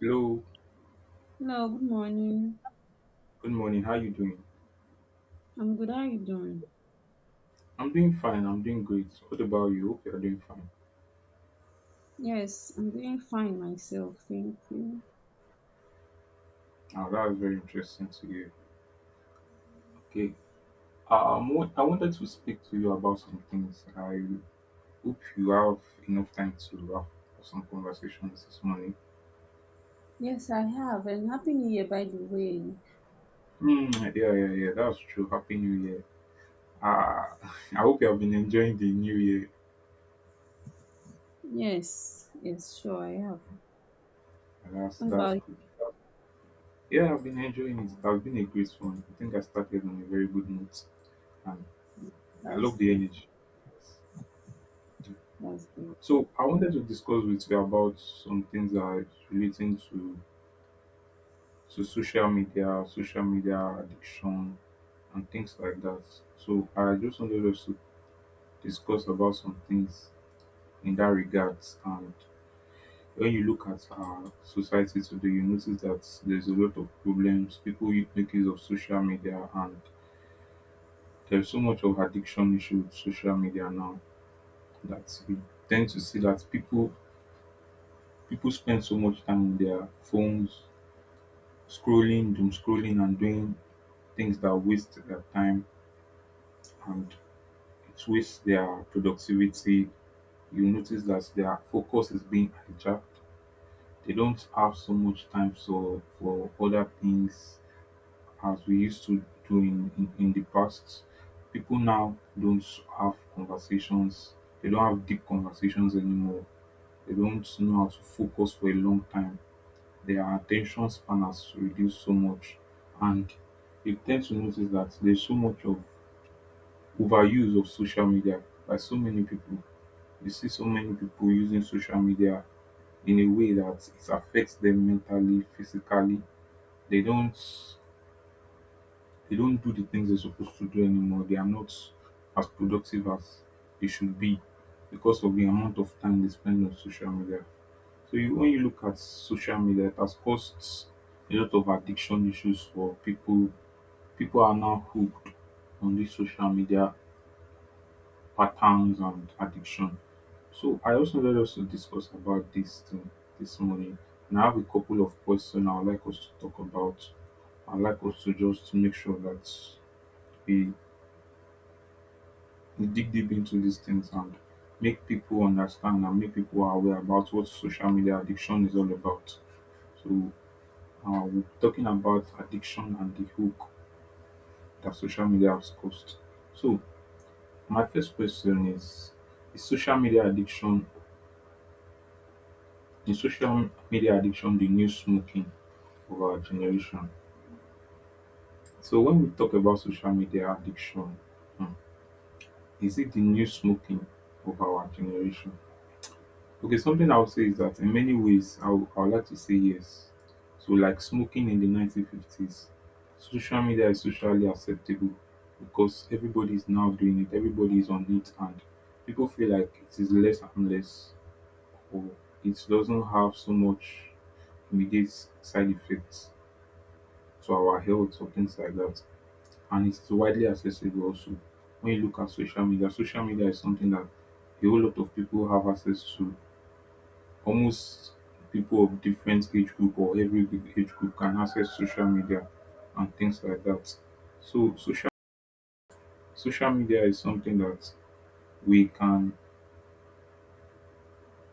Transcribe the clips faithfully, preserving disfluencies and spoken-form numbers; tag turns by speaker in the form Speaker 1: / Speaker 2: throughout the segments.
Speaker 1: Hello,
Speaker 2: Hello, good morning.
Speaker 1: good morning. How you doing?
Speaker 2: I'm good. How are you doing?
Speaker 1: I'm doing fine. I'm doing great. What about you? Hope you're doing fine.
Speaker 2: Yes, I'm doing fine myself. Thank you.
Speaker 1: Now that was very interesting to hear. Okay. Um, what, I wanted to speak to you about some things. I hope you have enough time to have some conversations this morning.
Speaker 2: Yes, I have. And Happy New Year, by the way.
Speaker 1: Hmm. yeah, yeah, yeah. That's true. Happy New Year. Ah, I hope you have been enjoying the New Year.
Speaker 2: Yes, yes, sure, I have.
Speaker 1: That's
Speaker 2: What
Speaker 1: that's
Speaker 2: about you?
Speaker 1: good. Yeah, I've been enjoying it. It has been a great one. I think I started on a very good note, and I
Speaker 2: That's
Speaker 1: love the
Speaker 2: great.
Speaker 1: energy. Yes.
Speaker 2: That's great.
Speaker 1: So I wanted to discuss with you about some things that are relating to to social media, social media addiction, and things like that. So I just wanted us to discuss about some things in that regards. And when you look at our society today, you notice that there's a lot of problems. People you- make use of social media, and there's so much of addiction issue with social media now that we tend to see that people people spend so much time on their phones scrolling, doom scrolling, and doing things that waste their time and it wastes their productivity. You notice that their focus is being hijacked. They don't have so much time so for other things as we used to do in, in, in the past. People now don't have conversations, they don't have deep conversations anymore. They don't know how to focus for a long time, their attention spanners reduce so much, and you tend to notice that there's so much of overuse of social media by so many people. You see so many people using social media in a way that it affects them mentally, physically. They don't, they don't do the things they're supposed to do anymore. They are not as productive as they should be because of the amount of time they spend on social media. So you, when you look at social media, it has caused a lot of addiction issues for people. People are now hooked on these social media patterns and addiction. So I also wanted us to discuss about this thing this morning. And I have a couple of questions I would like us to talk about. I'd like us to just make sure that we we dig deep into these things and make people understand and make people aware about what social media addiction is all about. So uh, we're talking about addiction and the hook that social media has caused. So, my first question is: Is social media addiction is social media addiction the new smoking of our generation? So, when we talk about social media addiction, hmm, is it the new smoking of our generation? Okay, something I would say is that in many ways, I would, I would like to say yes. So, like smoking in the nineteen fifties, social media is socially acceptable because everybody is now doing it, everybody is on it, and people feel like it is less harmless or it doesn't have so much immediate side effects to our health or things like that. And it's widely accessible also. When you look at social media, social media is something that a whole lot of people have access to. Almost people of different age group or every group- age group can access social media and things like that. So social social media is something that we can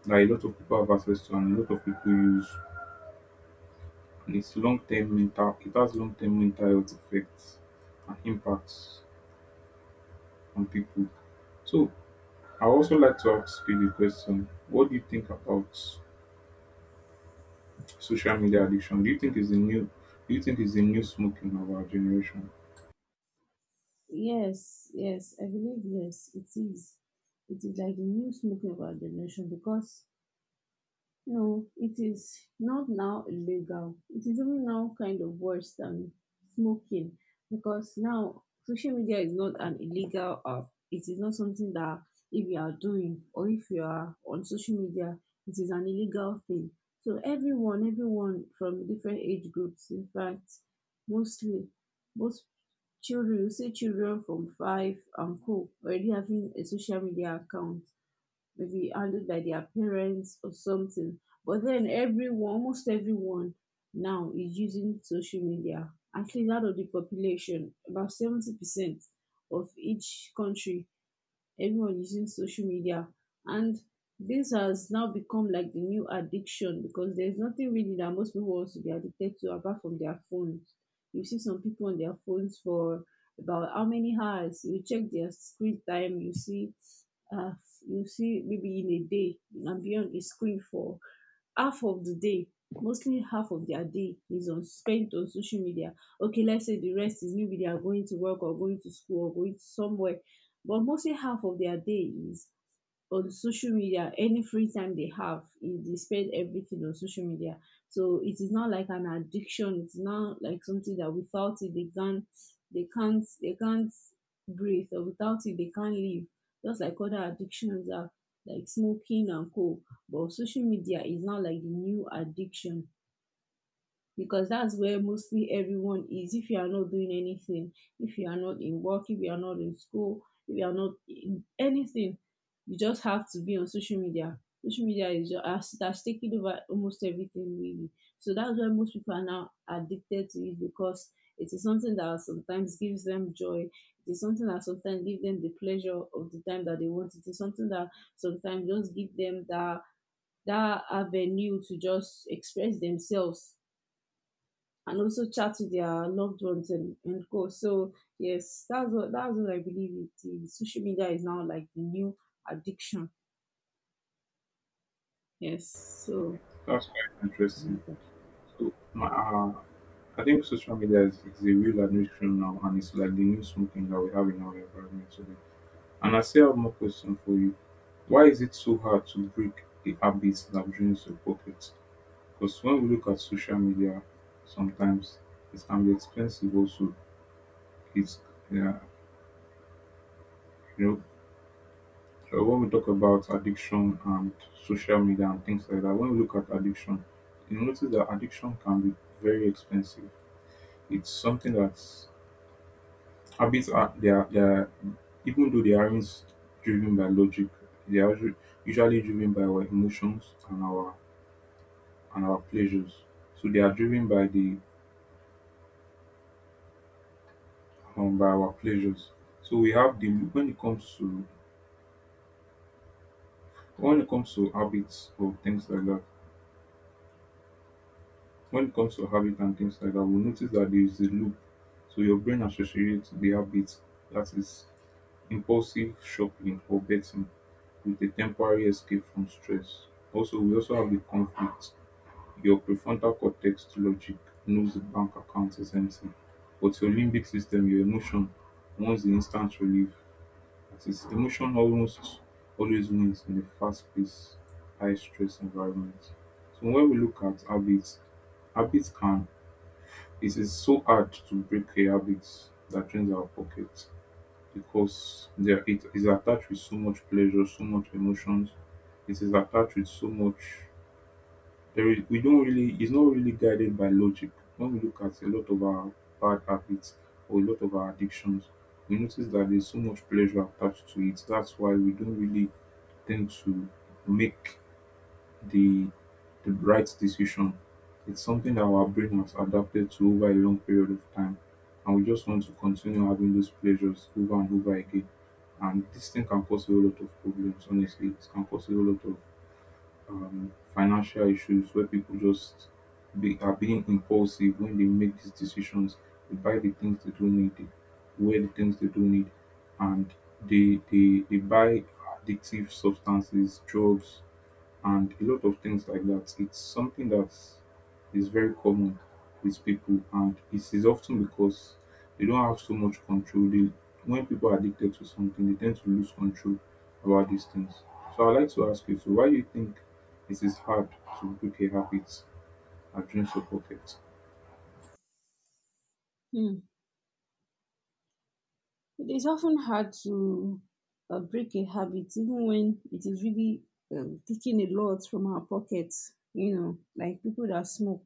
Speaker 1: that a lot of people have access to and a lot of people use. And it's long term mental it has long term mental health effects and impacts on people. So I also like to ask you the question, what do you think about social media addiction? Do you think is the new, do you think is the new smoking of our generation?
Speaker 2: Yes, yes, I believe yes, it is. It is like the new smoking of our generation because no, it is not now illegal. It is even now kind of worse than smoking because now social media is not an illegal app. It is not something that if you are doing, or if you are on social media, it is an illegal thing. So everyone, everyone from different age groups, in fact, mostly most children. You see children from five and co already having a social media account, maybe handled by their parents or something. But then everyone, almost everyone now is using social media. Actually, out of the population, about seventy percent of each country, everyone is using social media, and this has now become like the new addiction because there's nothing really that most people wants to be addicted to apart from their phones. You see some people on their phones for about how many hours? You check their screen time, you see uh, you see maybe in a day and be on the screen for half of the day. Mostly half of their day is on spent on social media. Okay, let's say the rest is maybe they are going to work or going to school or going somewhere, but mostly half of their day is on social media. Any free time they have is they spend everything on social media. So it is not like an addiction. It's not like something that without it they can't they can't they can't breathe, or without it they can't live, just like other addictions are, like smoking and co. But social media is not like the new addiction because that's where mostly everyone is. If you are not doing anything, if you are not in work, if you are not in school, if you are not in anything, you just have to be on social media. Social media is just has, has taken over almost everything really. So that's why most people are now addicted to it, because it is something that sometimes gives them joy. It is something that sometimes gives them the pleasure of the time that they want. It is something that sometimes just give them that that avenue to just express themselves and also chat with their loved ones, and, and go. So yes, that's what that's what I believe it is. Social media is now like the new addiction. Yes. So,
Speaker 1: That's quite interesting. So, my, uh, I think social media is, is a real addiction now, and it's like the new smoking that we have in our environment today. And I still have more questions for you. Why is it so hard to break the habits that drains your pockets? Because when we look at social media, sometimes it can be expensive. Also, it's yeah, you know, uh, when we talk about addiction and social media and things like that, when we look at addiction, you notice that addiction can be very expensive. It's something that habits are they are, they are even though they aren't driven by logic, they are usu- usually driven by our emotions and our and our pleasures. So they are driven by the um, by our pleasures. So we have the, when it comes to, when it comes to habits or things like that. When it comes to habit and things like that, we notice that there is a loop. So your brain associates the habit, that is impulsive shopping or betting, with a temporary escape from stress. Also, we also have the conflict. Your prefrontal cortex logic knows the bank account is empty, but your limbic system, your emotion, wants the instant relief. That is, emotion almost always wins in a fast paced, high stress environment. So, when we look at habits, habits can, it is so hard to break a habit that drains our pocket because there it is attached with so much pleasure, so much emotions. It is attached with so much. There is, we don't really. It's not really guided by logic. When we look at a lot of our bad habits or a lot of our addictions, we notice that there's so much pleasure attached to it. That's why we don't really tend to make the the right decision. It's something that our brain has adapted to over a long period of time, and we just want to continue having those pleasures over and over again. And this thing can cause a whole lot of problems, honestly. It can cause a whole lot of um, financial issues where people just be, are being impulsive when they make these decisions. They buy the things they don't need, they wear the things they don't need, and they, they, they buy addictive substances, drugs, and a lot of things like that. It's something that is very common with people, and it is often because they don't have so much control. They, when people are addicted to something, they tend to lose control about these things. So I'd like to ask you, so why do you think it is hard to break a habit that drains your pocket?
Speaker 2: mm. It is often hard to uh, break a habit, even when it is really um, taking a lot from our pockets. You know, like people that smoke,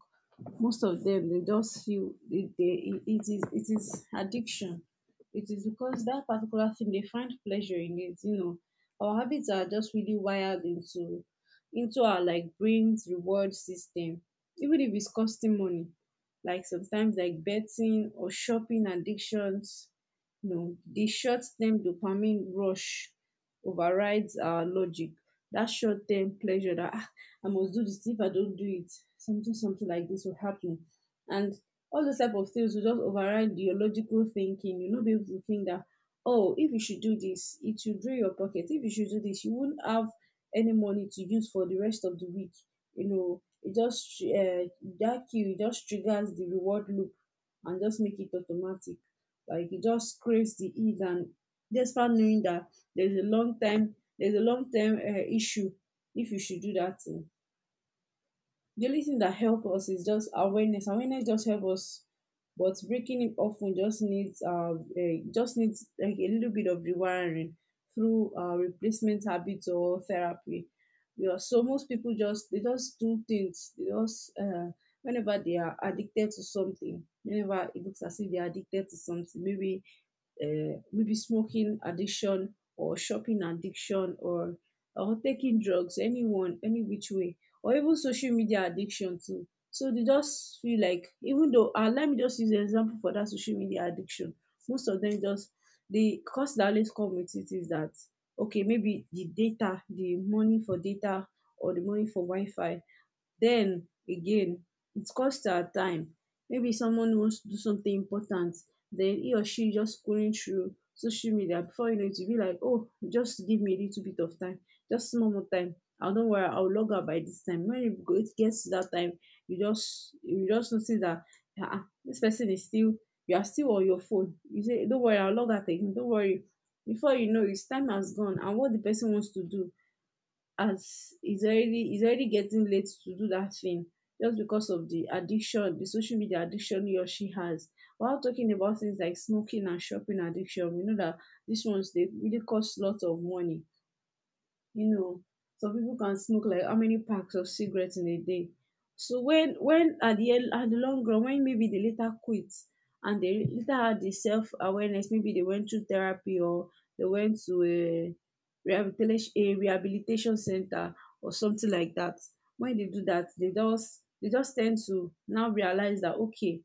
Speaker 2: most of them they just feel they, they, it is it is addiction. It is because that particular thing they find pleasure in it. You know, our habits are just really wired into into our like brain's reward system. Even if it's costing money, like sometimes like betting or shopping addictions, no, the short-term dopamine rush overrides our logic. That short-term pleasure that, "Ah, I must do this. If I don't do it, something something like this will happen." And all those type of things will just override your logical thinking. You'll not be able to think that, oh, if you should do this, it should drain your pocket. If you should do this, you won't have any money to use for the rest of the week. You know, it just, uh, that cue, it just triggers the reward loop and just make it automatic, like he just craves the ease, and despite knowing that there's a long time, there's a long term uh, issue if you should do that thing. The only thing that helps us is just awareness. Awareness just helps us, but breaking it often just needs uh, eh, just needs like a little bit of rewiring through uh, replacement habits or therapy. Yeah, so most people just they just do things. They just uh, Whenever they are addicted to something, whenever it looks as if they are addicted to something, maybe uh, maybe smoking addiction, or shopping addiction, or or taking drugs, anyone, any which way, or even social media addiction too. So they just feel like, even though uh, let me just use an example for that, social media addiction. Most of them just, the cost that always come with it is that, okay, maybe the data, the money for data, or the money for Wi-Fi. Then again, it cost our time. Maybe someone wants to do something important, then he or she just scrolling through social media. Before you know it, you'll be like, "Oh, just give me a little bit of time, just small more time. I, don't worry, I'll log out by this time." When it go- it gets to that time, you just you just notice that, ah ah, this person is still, you are still on your phone. You say, "Don't worry, I'll log out again. Don't worry." Before you know it, time has gone, and what the person wants to do, as it's already it's already getting late to do that thing, just because of the addiction, the social media addiction he or she has. While talking about things like smoking and shopping addiction, we know that these ones they really cost lots of money. You know, some people can smoke like how many packs of cigarettes in a day. So when when, at the end at the long run, when maybe they later quit and they later had the self-awareness, maybe they went through therapy, or they went to a rehabilitation a rehabilitation center or something like that. When they do that, they just they just tend to now realize that, okay,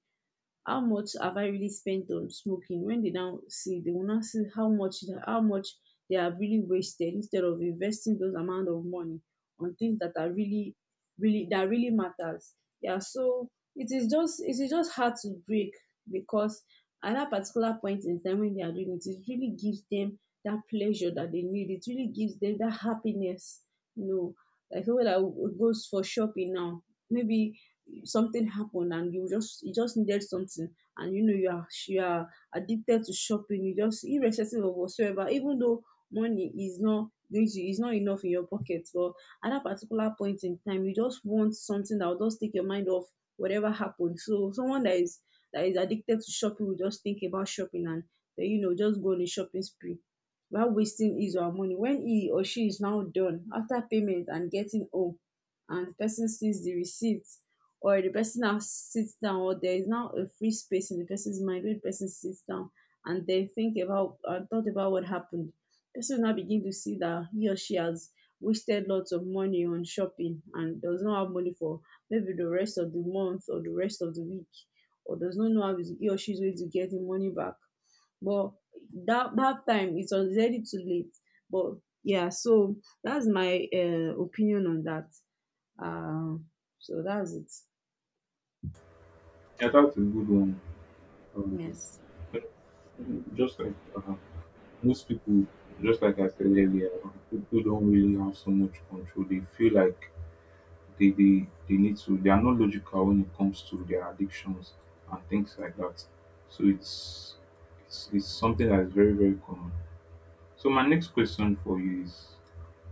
Speaker 2: how much have I really spent on smoking? When they now see, they will now see how much how much they have really wasted, instead of investing those amount of money on things that are really really that really matters. Yeah, so it is just it is just hard to break because at that particular point in time when they are doing it, it really gives them that pleasure that they need. It really gives them that happiness. You know, like someone that w- goes for shopping now, maybe something happened and you just, you just needed something. And you know you are you are addicted to shopping. You just, irrespective of whatsoever, even though money is not going to is not enough in your pocket, but at that particular point in time, you just want something that will just take your mind off whatever happened. So someone that is that is addicted to shopping will just think about shopping, and then, you know, just go on a shopping spree, while wasting his or her money. When he or she is now done after payment and getting home, and the person sees the receipt, or the person now sits down, or there is now a free space in the person's mind where the person sits down and they think about, and thought about what happened, person will now begin to see that he or she has wasted lots of money on shopping, and does not have money for maybe the rest of the month or the rest of the week, or does not know how is- he or she is going to get the money back. But that that time, it's already too late. But yeah, so that's my uh, opinion on that, um so that's it.
Speaker 1: Yeah, that's a good one. Um,
Speaker 2: Yes.
Speaker 1: but just like uh, most people, just like I said earlier, um, people don't really have so much control. They feel like they they they need to, they are not logical when it comes to their addictions and things like that, so it's it's, it's something that is very very common. So my next question for you is,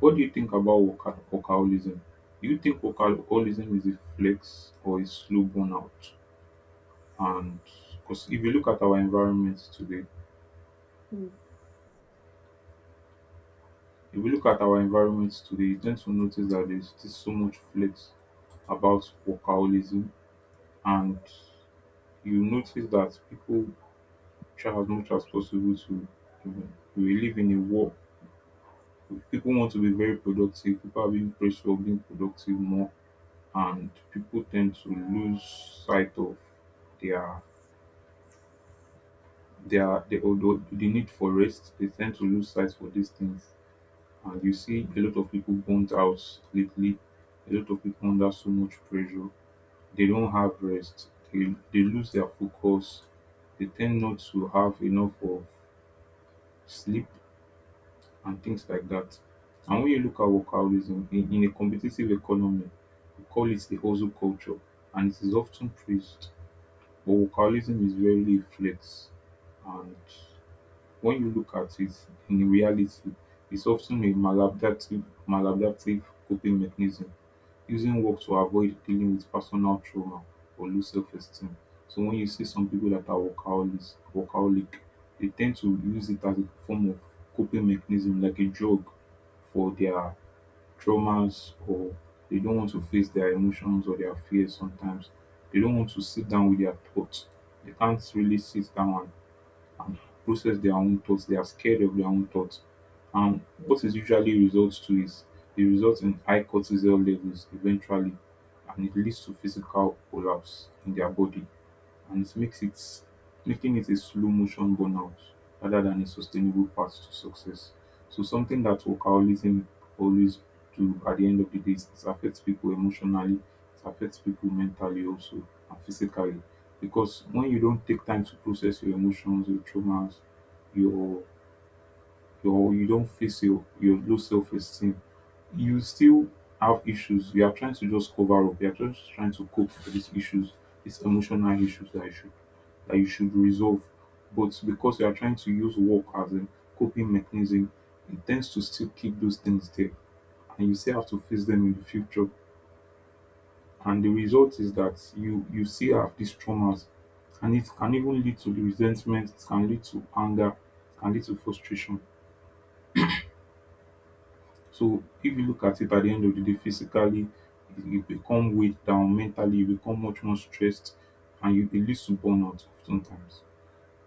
Speaker 1: what do you think about worka- workaholism? Do you think workaholism is a flex or a slow burnout? And because if you look at our environment today,
Speaker 2: Mm.
Speaker 1: if you look at our environment today you tend to notice that there's still so much flex about workaholism, and you notice that people try as much as possible to, you know, we live in a world, people want to be very productive, people are being praised for being productive more, and people tend to lose sight of their their the, the, the need for rest. They tend to lose sight for these things and you see a lot of people burnt out lately, a lot of people under so much pressure. They don't have rest, they, they lose their focus, they tend not to have enough of sleep and things like that. And when you look at workaholism in, in a competitive economy, we call it a hustle culture, and it is often praised. But workaholism is rarely a flex, and when you look at it in reality, it's often a maladaptive, maladaptive coping mechanism, using work to avoid dealing with personal trauma or low self esteem. So when you see some people that are workaholics, workaholic, they tend to use it as a form of coping mechanism, like a drug for their traumas, or they don't want to face their emotions or their fears sometimes. They don't want to sit down with their thoughts. They can't really sit down and process their own thoughts. They are scared of their own thoughts. And what is usually results to is it results in high cortisol levels eventually, and it leads to physical collapse in their body and it makes it, making it a slow motion burnout rather than a sustainable path to success. So something that workaholism always do at the end of the day is it affects people emotionally, it affects people mentally also and physically. Because when you don't take time to process your emotions, your traumas, your your you don't face your, your low self esteem, you still have issues. You are trying to just cover up. You are just trying to cope for these issues, these emotional issues that you should that you should resolve. But because you are trying to use work as a coping mechanism, it tends to still keep those things there, and you still have to face them in the future. And the result is that you you still have these traumas, and it can even lead to the resentment. It can lead to anger. It can lead to frustration. So if you look at it at the end of the day, physically you you become weighed down, mentally you become much more stressed, and you it leads to burnout oftentimes.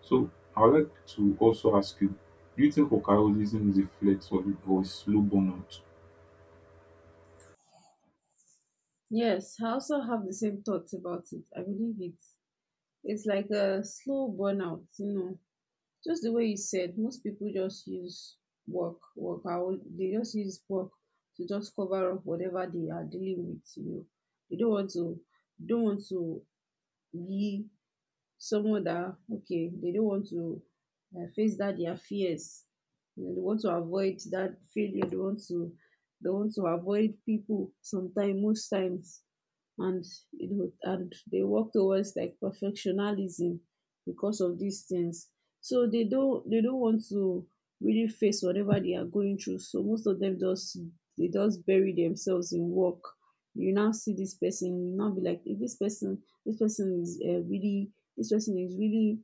Speaker 1: So I would like to also ask you, do you think workaholism is a flex or, or a slow burnout?
Speaker 2: Yes, I also have the same thoughts about it. I believe it. It's like a slow burnout, you know. Just the way you said, most people just use work, work out. They just use work to just cover up whatever they are dealing with, you know. They don't want to, don't want to be someone that, okay, they don't want to, uh, face that their fears. You know, they want to avoid that failure. They want to, they want to avoid people sometimes, most times. And you know, and they work towards like perfectionism because of these things. So they don't they don't want to really face whatever they are going through. So most of them just they just bury themselves in work. You now see this person, you now be like, "Eh, this person this person is uh, really, this person is really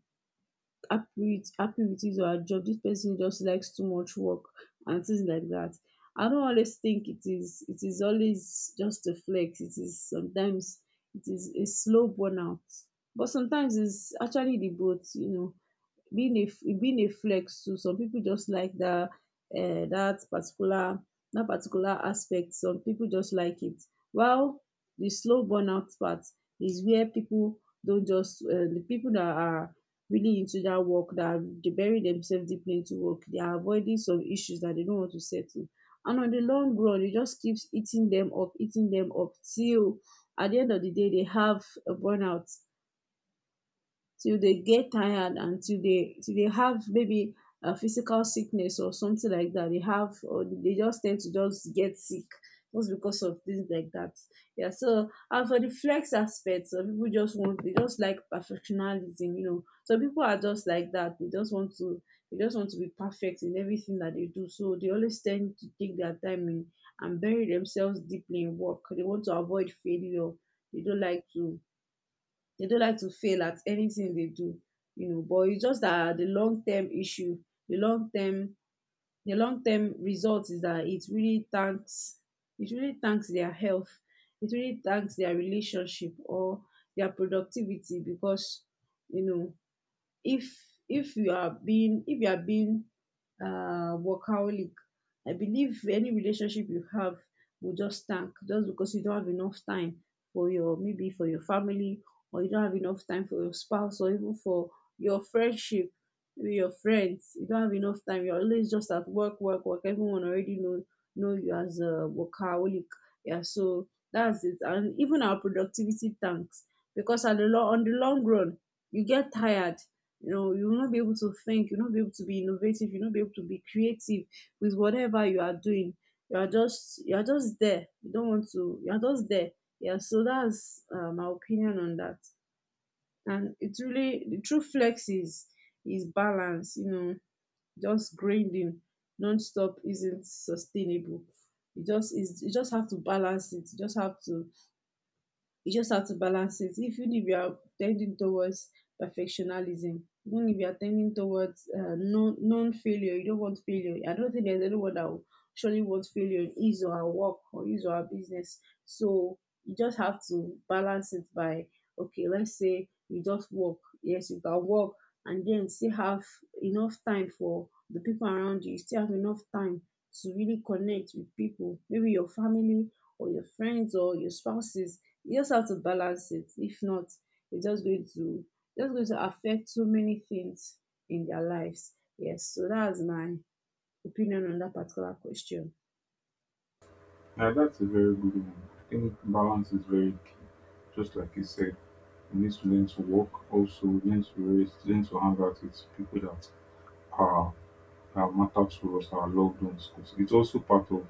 Speaker 2: happy with happy with his or her job," This person just likes too much work and things like that. I don't always think it is, it is always just a flex. It is sometimes, it is a slow burnout. But sometimes it's actually the both, you know, being a f- being a flex too. Some people just like that, uh, that particular that particular aspect. Some people just like it. While the slow burnout part is where people don't just uh, the people that are really into that work that they bury themselves deeply into work. They are avoiding some issues that they don't want to settle. And on the long run, it just keeps eating them up, eating them up till at the end of the day they have a burnout till they get tired and till they till they have maybe a physical sickness or something like that they have, or they just tend to just get sick just because of things like that. Yeah, so and for the flex aspect, some people just want they just like perfectionism, you know. Some people are just like that. They just want to they just want to be perfect in everything that they do. So they always tend to take their time in and bury themselves deeply in work. They want to avoid failure. They don't like to they don't like to fail at anything they do, you know, but it's just that the long term issue, the long term the long term result is that it really tanks it really tanks their health, it really tanks their relationship or their productivity because, you know, if if you are being if you are being uh workaholic. I believe any relationship you have will just tank just because you don't have enough time for your, maybe for your family, or you don't have enough time for your spouse, or even for your friendship with your friends. You don't have enough time, you're always just at work, work, work. Everyone already know know you as a workaholic. Yeah, so that's it. And even our productivity tanks because at the long on the long run you get tired. You know, you will not be able to think, you'll not be able to be innovative, you'll not be able to be creative with whatever you are doing. You are just you are just there, you don't want to you are just there. Yeah, so that's uh, my opinion on that. And it's really the true flex is is balance, you know. Just grinding non-stop isn't sustainable. You just is you just have to balance it, you just have to you just have to balance it. If you if you are tending towards perfectionism, even if you are tending towards uh, non non failure, you don't want failure. I don't think there's anyone that will surely want failure in his or her work or his or her business. So you just have to balance it by, okay, let's say you just work. Yes, you can work and then still have enough time for the people around you. You still have enough time to really connect with people, maybe your family or your friends or your spouses. You just have to balance it. If not, it's just going to just going to affect so many things in their lives. Yes, so that's my opinion on that particular question.
Speaker 1: Now that's a very good one. I think balance is very key. Just like you said, we need to learn to work, also learn to rest, learn to hang out with people that are that matter to us, our loved ones. 'Cause it's also part of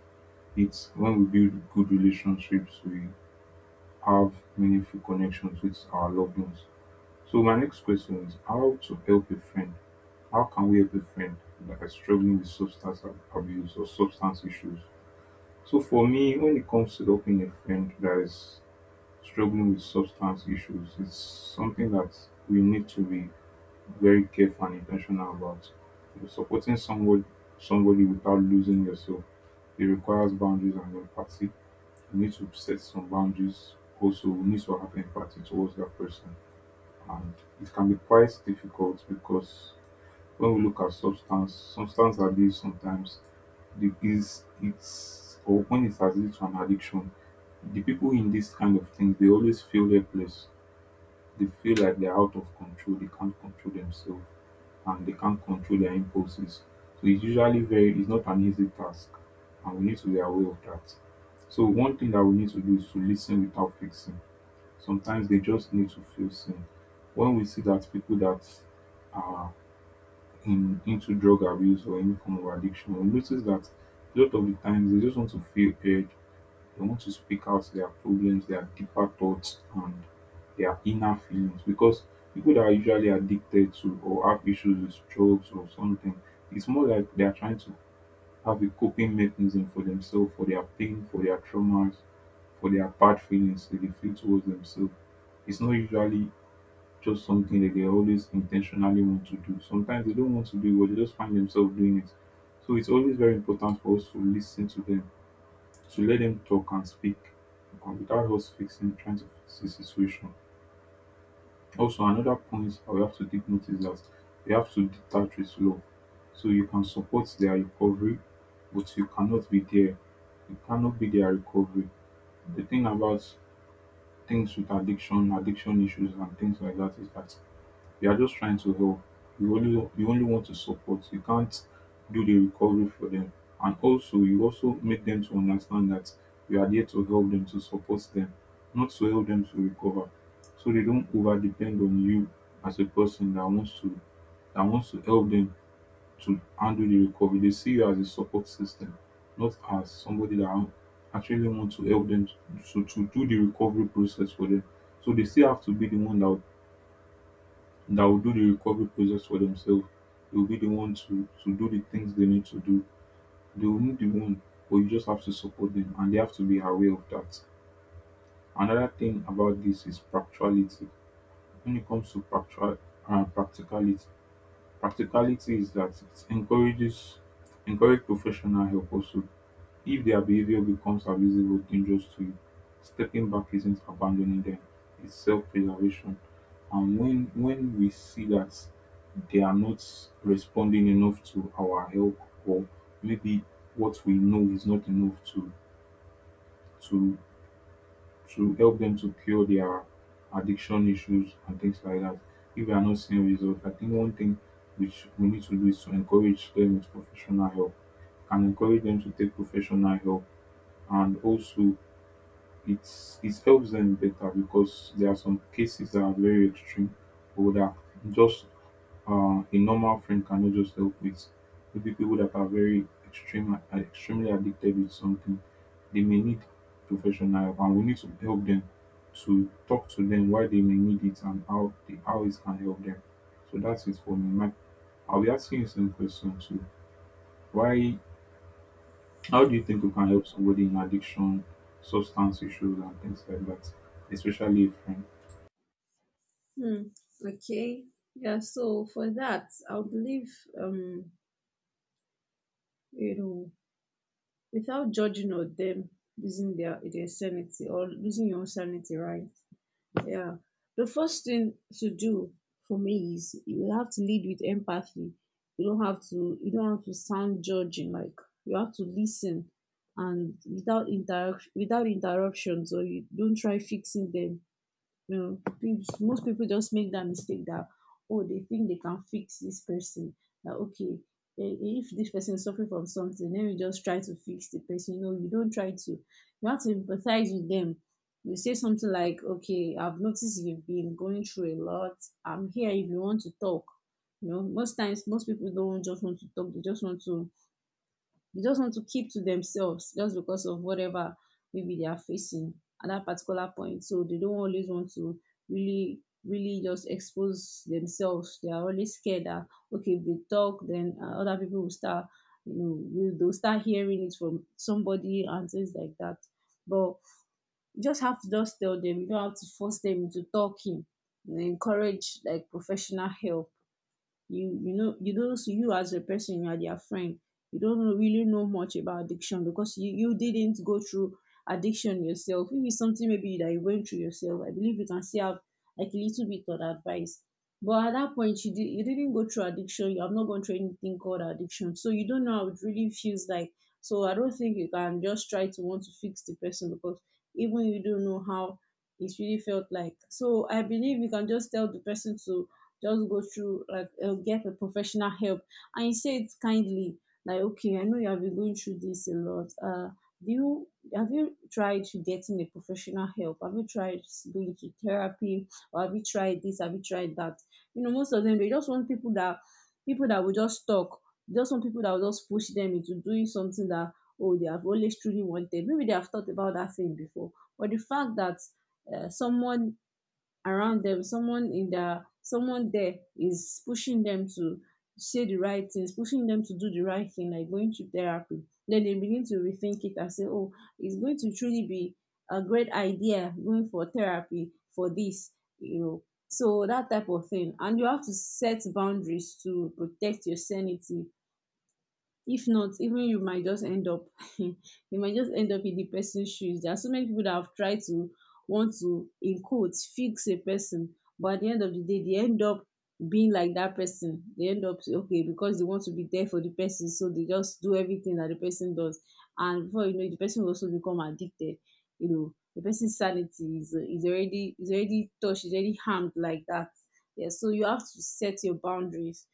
Speaker 1: it. When we build good relationships, we have meaningful connections with our loved ones. So my next question is how to help a friend How can we help a friend that is struggling with substance ab- abuse or substance issues? So for me, when it comes to helping a friend that is struggling with substance issues, it's something that we need to be very careful and intentional about. You're supporting someone somebody without losing yourself. It requires boundaries and empathy. You need to set some boundaries. Also, you need to have empathy towards that person. And it can be quite difficult because when we look at substance, substance abuse sometimes the- is it's or when it's as lead to an addiction, the people in this kind of things they always feel helpless. They feel like they're out of control, they can't control themselves and they can't control their impulses. So it's usually very it's not an easy task and we need to be aware of that. So one thing that we need to do is to listen without fixing. Sometimes they just need to feel seen. When we see that people that are in into drug abuse or any form of addiction will notice that a lot of the times they just want to feel heard. They want to speak out their problems, their deeper thoughts, and their inner feelings. Because people that are usually addicted to or have issues with drugs or something, it's more like they are trying to have a coping mechanism for themselves, for their pain, for their traumas, for their bad feelings that they feel towards themselves. It's not usually just something that they always intentionally want to do. Sometimes they don't want to do it, but they just find themselves doing it. So it's always very important for us to listen to them, to let them talk and speak and without us fixing, trying to fix the situation. Also, another point I have to take note is that we have to detach with love. So you can support their recovery, but you cannot be there. You cannot be their recovery. The thing about things with addiction, addiction issues, and things like that is that you are just trying to help. You only you only want to support. You can't do the recovery for them. And also you also make them to understand that you are there to help them, to support them, not to help them to recover. So they don't over depend on you as a person that wants to that wants to help them to handle the recovery. They see you as a support system, not as somebody that actually want to help them to, to, to do the recovery process for them. So they still have to be the one that will that will do the recovery process for themselves. They will be the one to, to do the things they need to do. They will be the one, but you just have to support them and they have to be aware of that. Another thing about this is practicality. When it comes to practical, uh, practicality, practicality is that it encourages encourage professional help also. If their behavior becomes abusive or dangerous to you, stepping back isn't abandoning them, it's self preservation. And when, when we see that they are not responding enough to our help, or maybe what we know is not enough to, to, to help them to cure their addiction issues and things like that, if we are not seeing results, I think one thing which we need to do is to encourage them with professional help Can encourage them to take professional help and also it's it helps them better because there are some cases that are very extreme or that just uh, a normal friend cannot just help with. Maybe people that are very extreme are extremely addicted with something, they may need professional help, and we need to help them to talk to them why they may need it and how they, how it can help them. So that's it for me. My, I'll be asking you some questions too. Why How do you think you can help somebody in addiction, substance issues, and things like that, especially a friend?
Speaker 2: Hmm. Okay. Yeah. So for that, I believe, um, you know, without judging on them losing their their sanity or losing your own sanity, right? Yeah. The first thing to do for me is you have to lead with empathy. You don't have to you don't have to sound judging, like, you have to listen and without interaction without interruption. So you don't try fixing them. Um things most people just make that mistake, that, oh, they think they can fix this person. That, okay, eh, if this person is suffering from something, then you just try to fix the person. You know, you don't try to you have to empathize with them. You say something like, okay, I've noticed you've been going through a lot, I'm here if you want to talk. You know, most times most people don't just want to talk, they just want to they just want to keep to themselves just because of whatever maybe they are facing at that particular point. So they don't always want to really, really just expose themselves. They are always scared that, okay, if they talk, then, uh, other people will start, you know, will- they'll start hearing it from somebody and things like that. But you just have to just tell them. You don't have to force them into talking. You know, encourage like professional help. You you know, you don't you as a person, you are their friend, you don't know- really know much about addiction, because you you didn't go through addiction yourself. If it's something maybe that you went through yourself, I believe you can still have like a little bit of advice. But at that point, you, did, you didn't go through addiction, you have not gone through anything called addiction, so you don't know how it really feels like. So I don't think you can just try to want to fix the person, because even you don't know how it really felt like. So I believe you can just tell the person to just go through like, uh, get a professional help. And you say it kindly, like, okay, I know you have been going through this a lot. Uh do you have you tried getting a professional help, have you tried going to therapy, or have you tried this, have you tried that? You know, most of them, they just want people that, people that will just talk. They just want people that will just push them into doing something that, oh, they have always truly wanted. Maybe they have thought about that thing before, but the fact that, uh, someone around them, someone in their someone there is pushing them to say the right things, pushing them to do the right thing, like going to therapy, then they begin to rethink it and say, oh, it's going to truly be a great idea going for therapy for this. You know, so that type of thing. And you have to set boundaries to protect your sanity. If not, even you might just end up you might just end up in the person's shoes. There are so many people that have tried to want to, in quotes, fix a person, but at the end of the day, they end up being like that person. They end up say, okay, because they want to be there for the person, so they just do everything that the person does, and before you know it, the person will also become addicted. You know, the person's sanity is is already is already touched, is already harmed like that. Yeah, so you have to set your boundaries,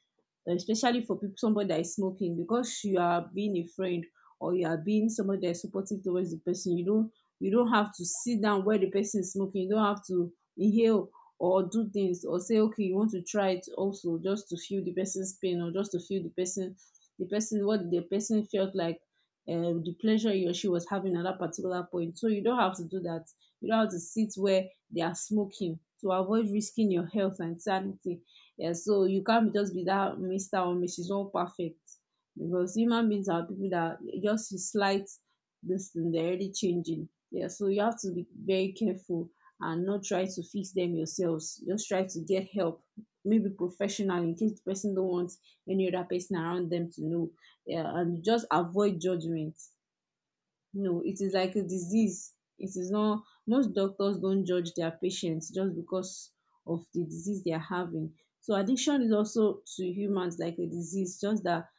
Speaker 2: especially for people, somebody that is smoking. Because you are being a friend, or you are being somebody that is supportive towards the person, you don't, you don't have to sit down where the person is smoking. You don't have to inhale or do things, or say, okay, you want to try it also, just to feel the person's pain, or just to feel the person, the person what the person felt like, uh, the pleasure he or she was having at that particular point. So you don't have to do that. You don't have to sit where they are smoking, to avoid risking your health and sanity. Yeah, so you can't just be that mister or missus All perfect, because human beings are people that just slight this thing they're already changing. Yeah, so you have to be very careful and not try to fix them yourselves. Just try to get help, maybe professional, in case the person don't want any other person around them to know. Yeah, and just avoid judgment. No, it is like a disease. It is not, most doctors don't judge their patients just because of the disease they are having. So addiction is also to humans like a disease, just that,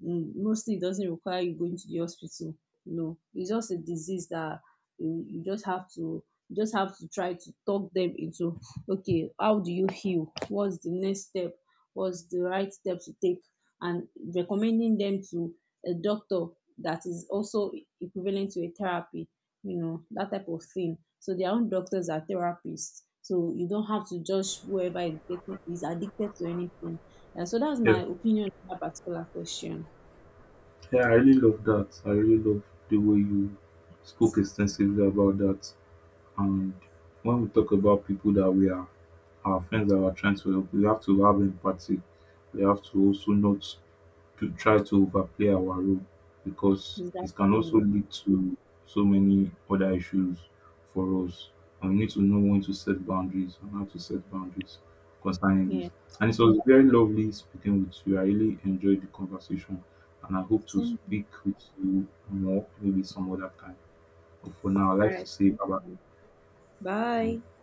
Speaker 2: mm, mostly it doesn't require you going to the hospital. No, it's just a disease that you, you just have to, you just have to try to talk them into, okay, how do you heal? What's the next step? What's the right step to take? And recommending them to a doctor that is also equivalent to a therapy, you know, that type of thing. So their own doctors are therapists. So you don't have to judge whoever is getting is addicted to anything. Yeah, so that's
Speaker 1: Yeah,
Speaker 2: my opinion on that particular question.
Speaker 1: yeah, I really love that. I really love the way you spoke extensively about that. And when we talk about people that we are our friends that we are trying to help, we have to have empathy. We have to also not to try to overplay our role because it can also
Speaker 2: Exactly.
Speaker 1: lead to so many other issues for us. And we need to know when to set boundaries and how to set boundaries concerning this.
Speaker 2: Yeah.
Speaker 1: And it was very lovely speaking with you. I really enjoyed the conversation and I hope to
Speaker 2: Same.
Speaker 1: speak with you more maybe some other time. But for
Speaker 2: All
Speaker 1: now, I'd like to
Speaker 2: right.
Speaker 1: say
Speaker 2: Thank
Speaker 1: bye
Speaker 2: you. Bye.
Speaker 1: bye.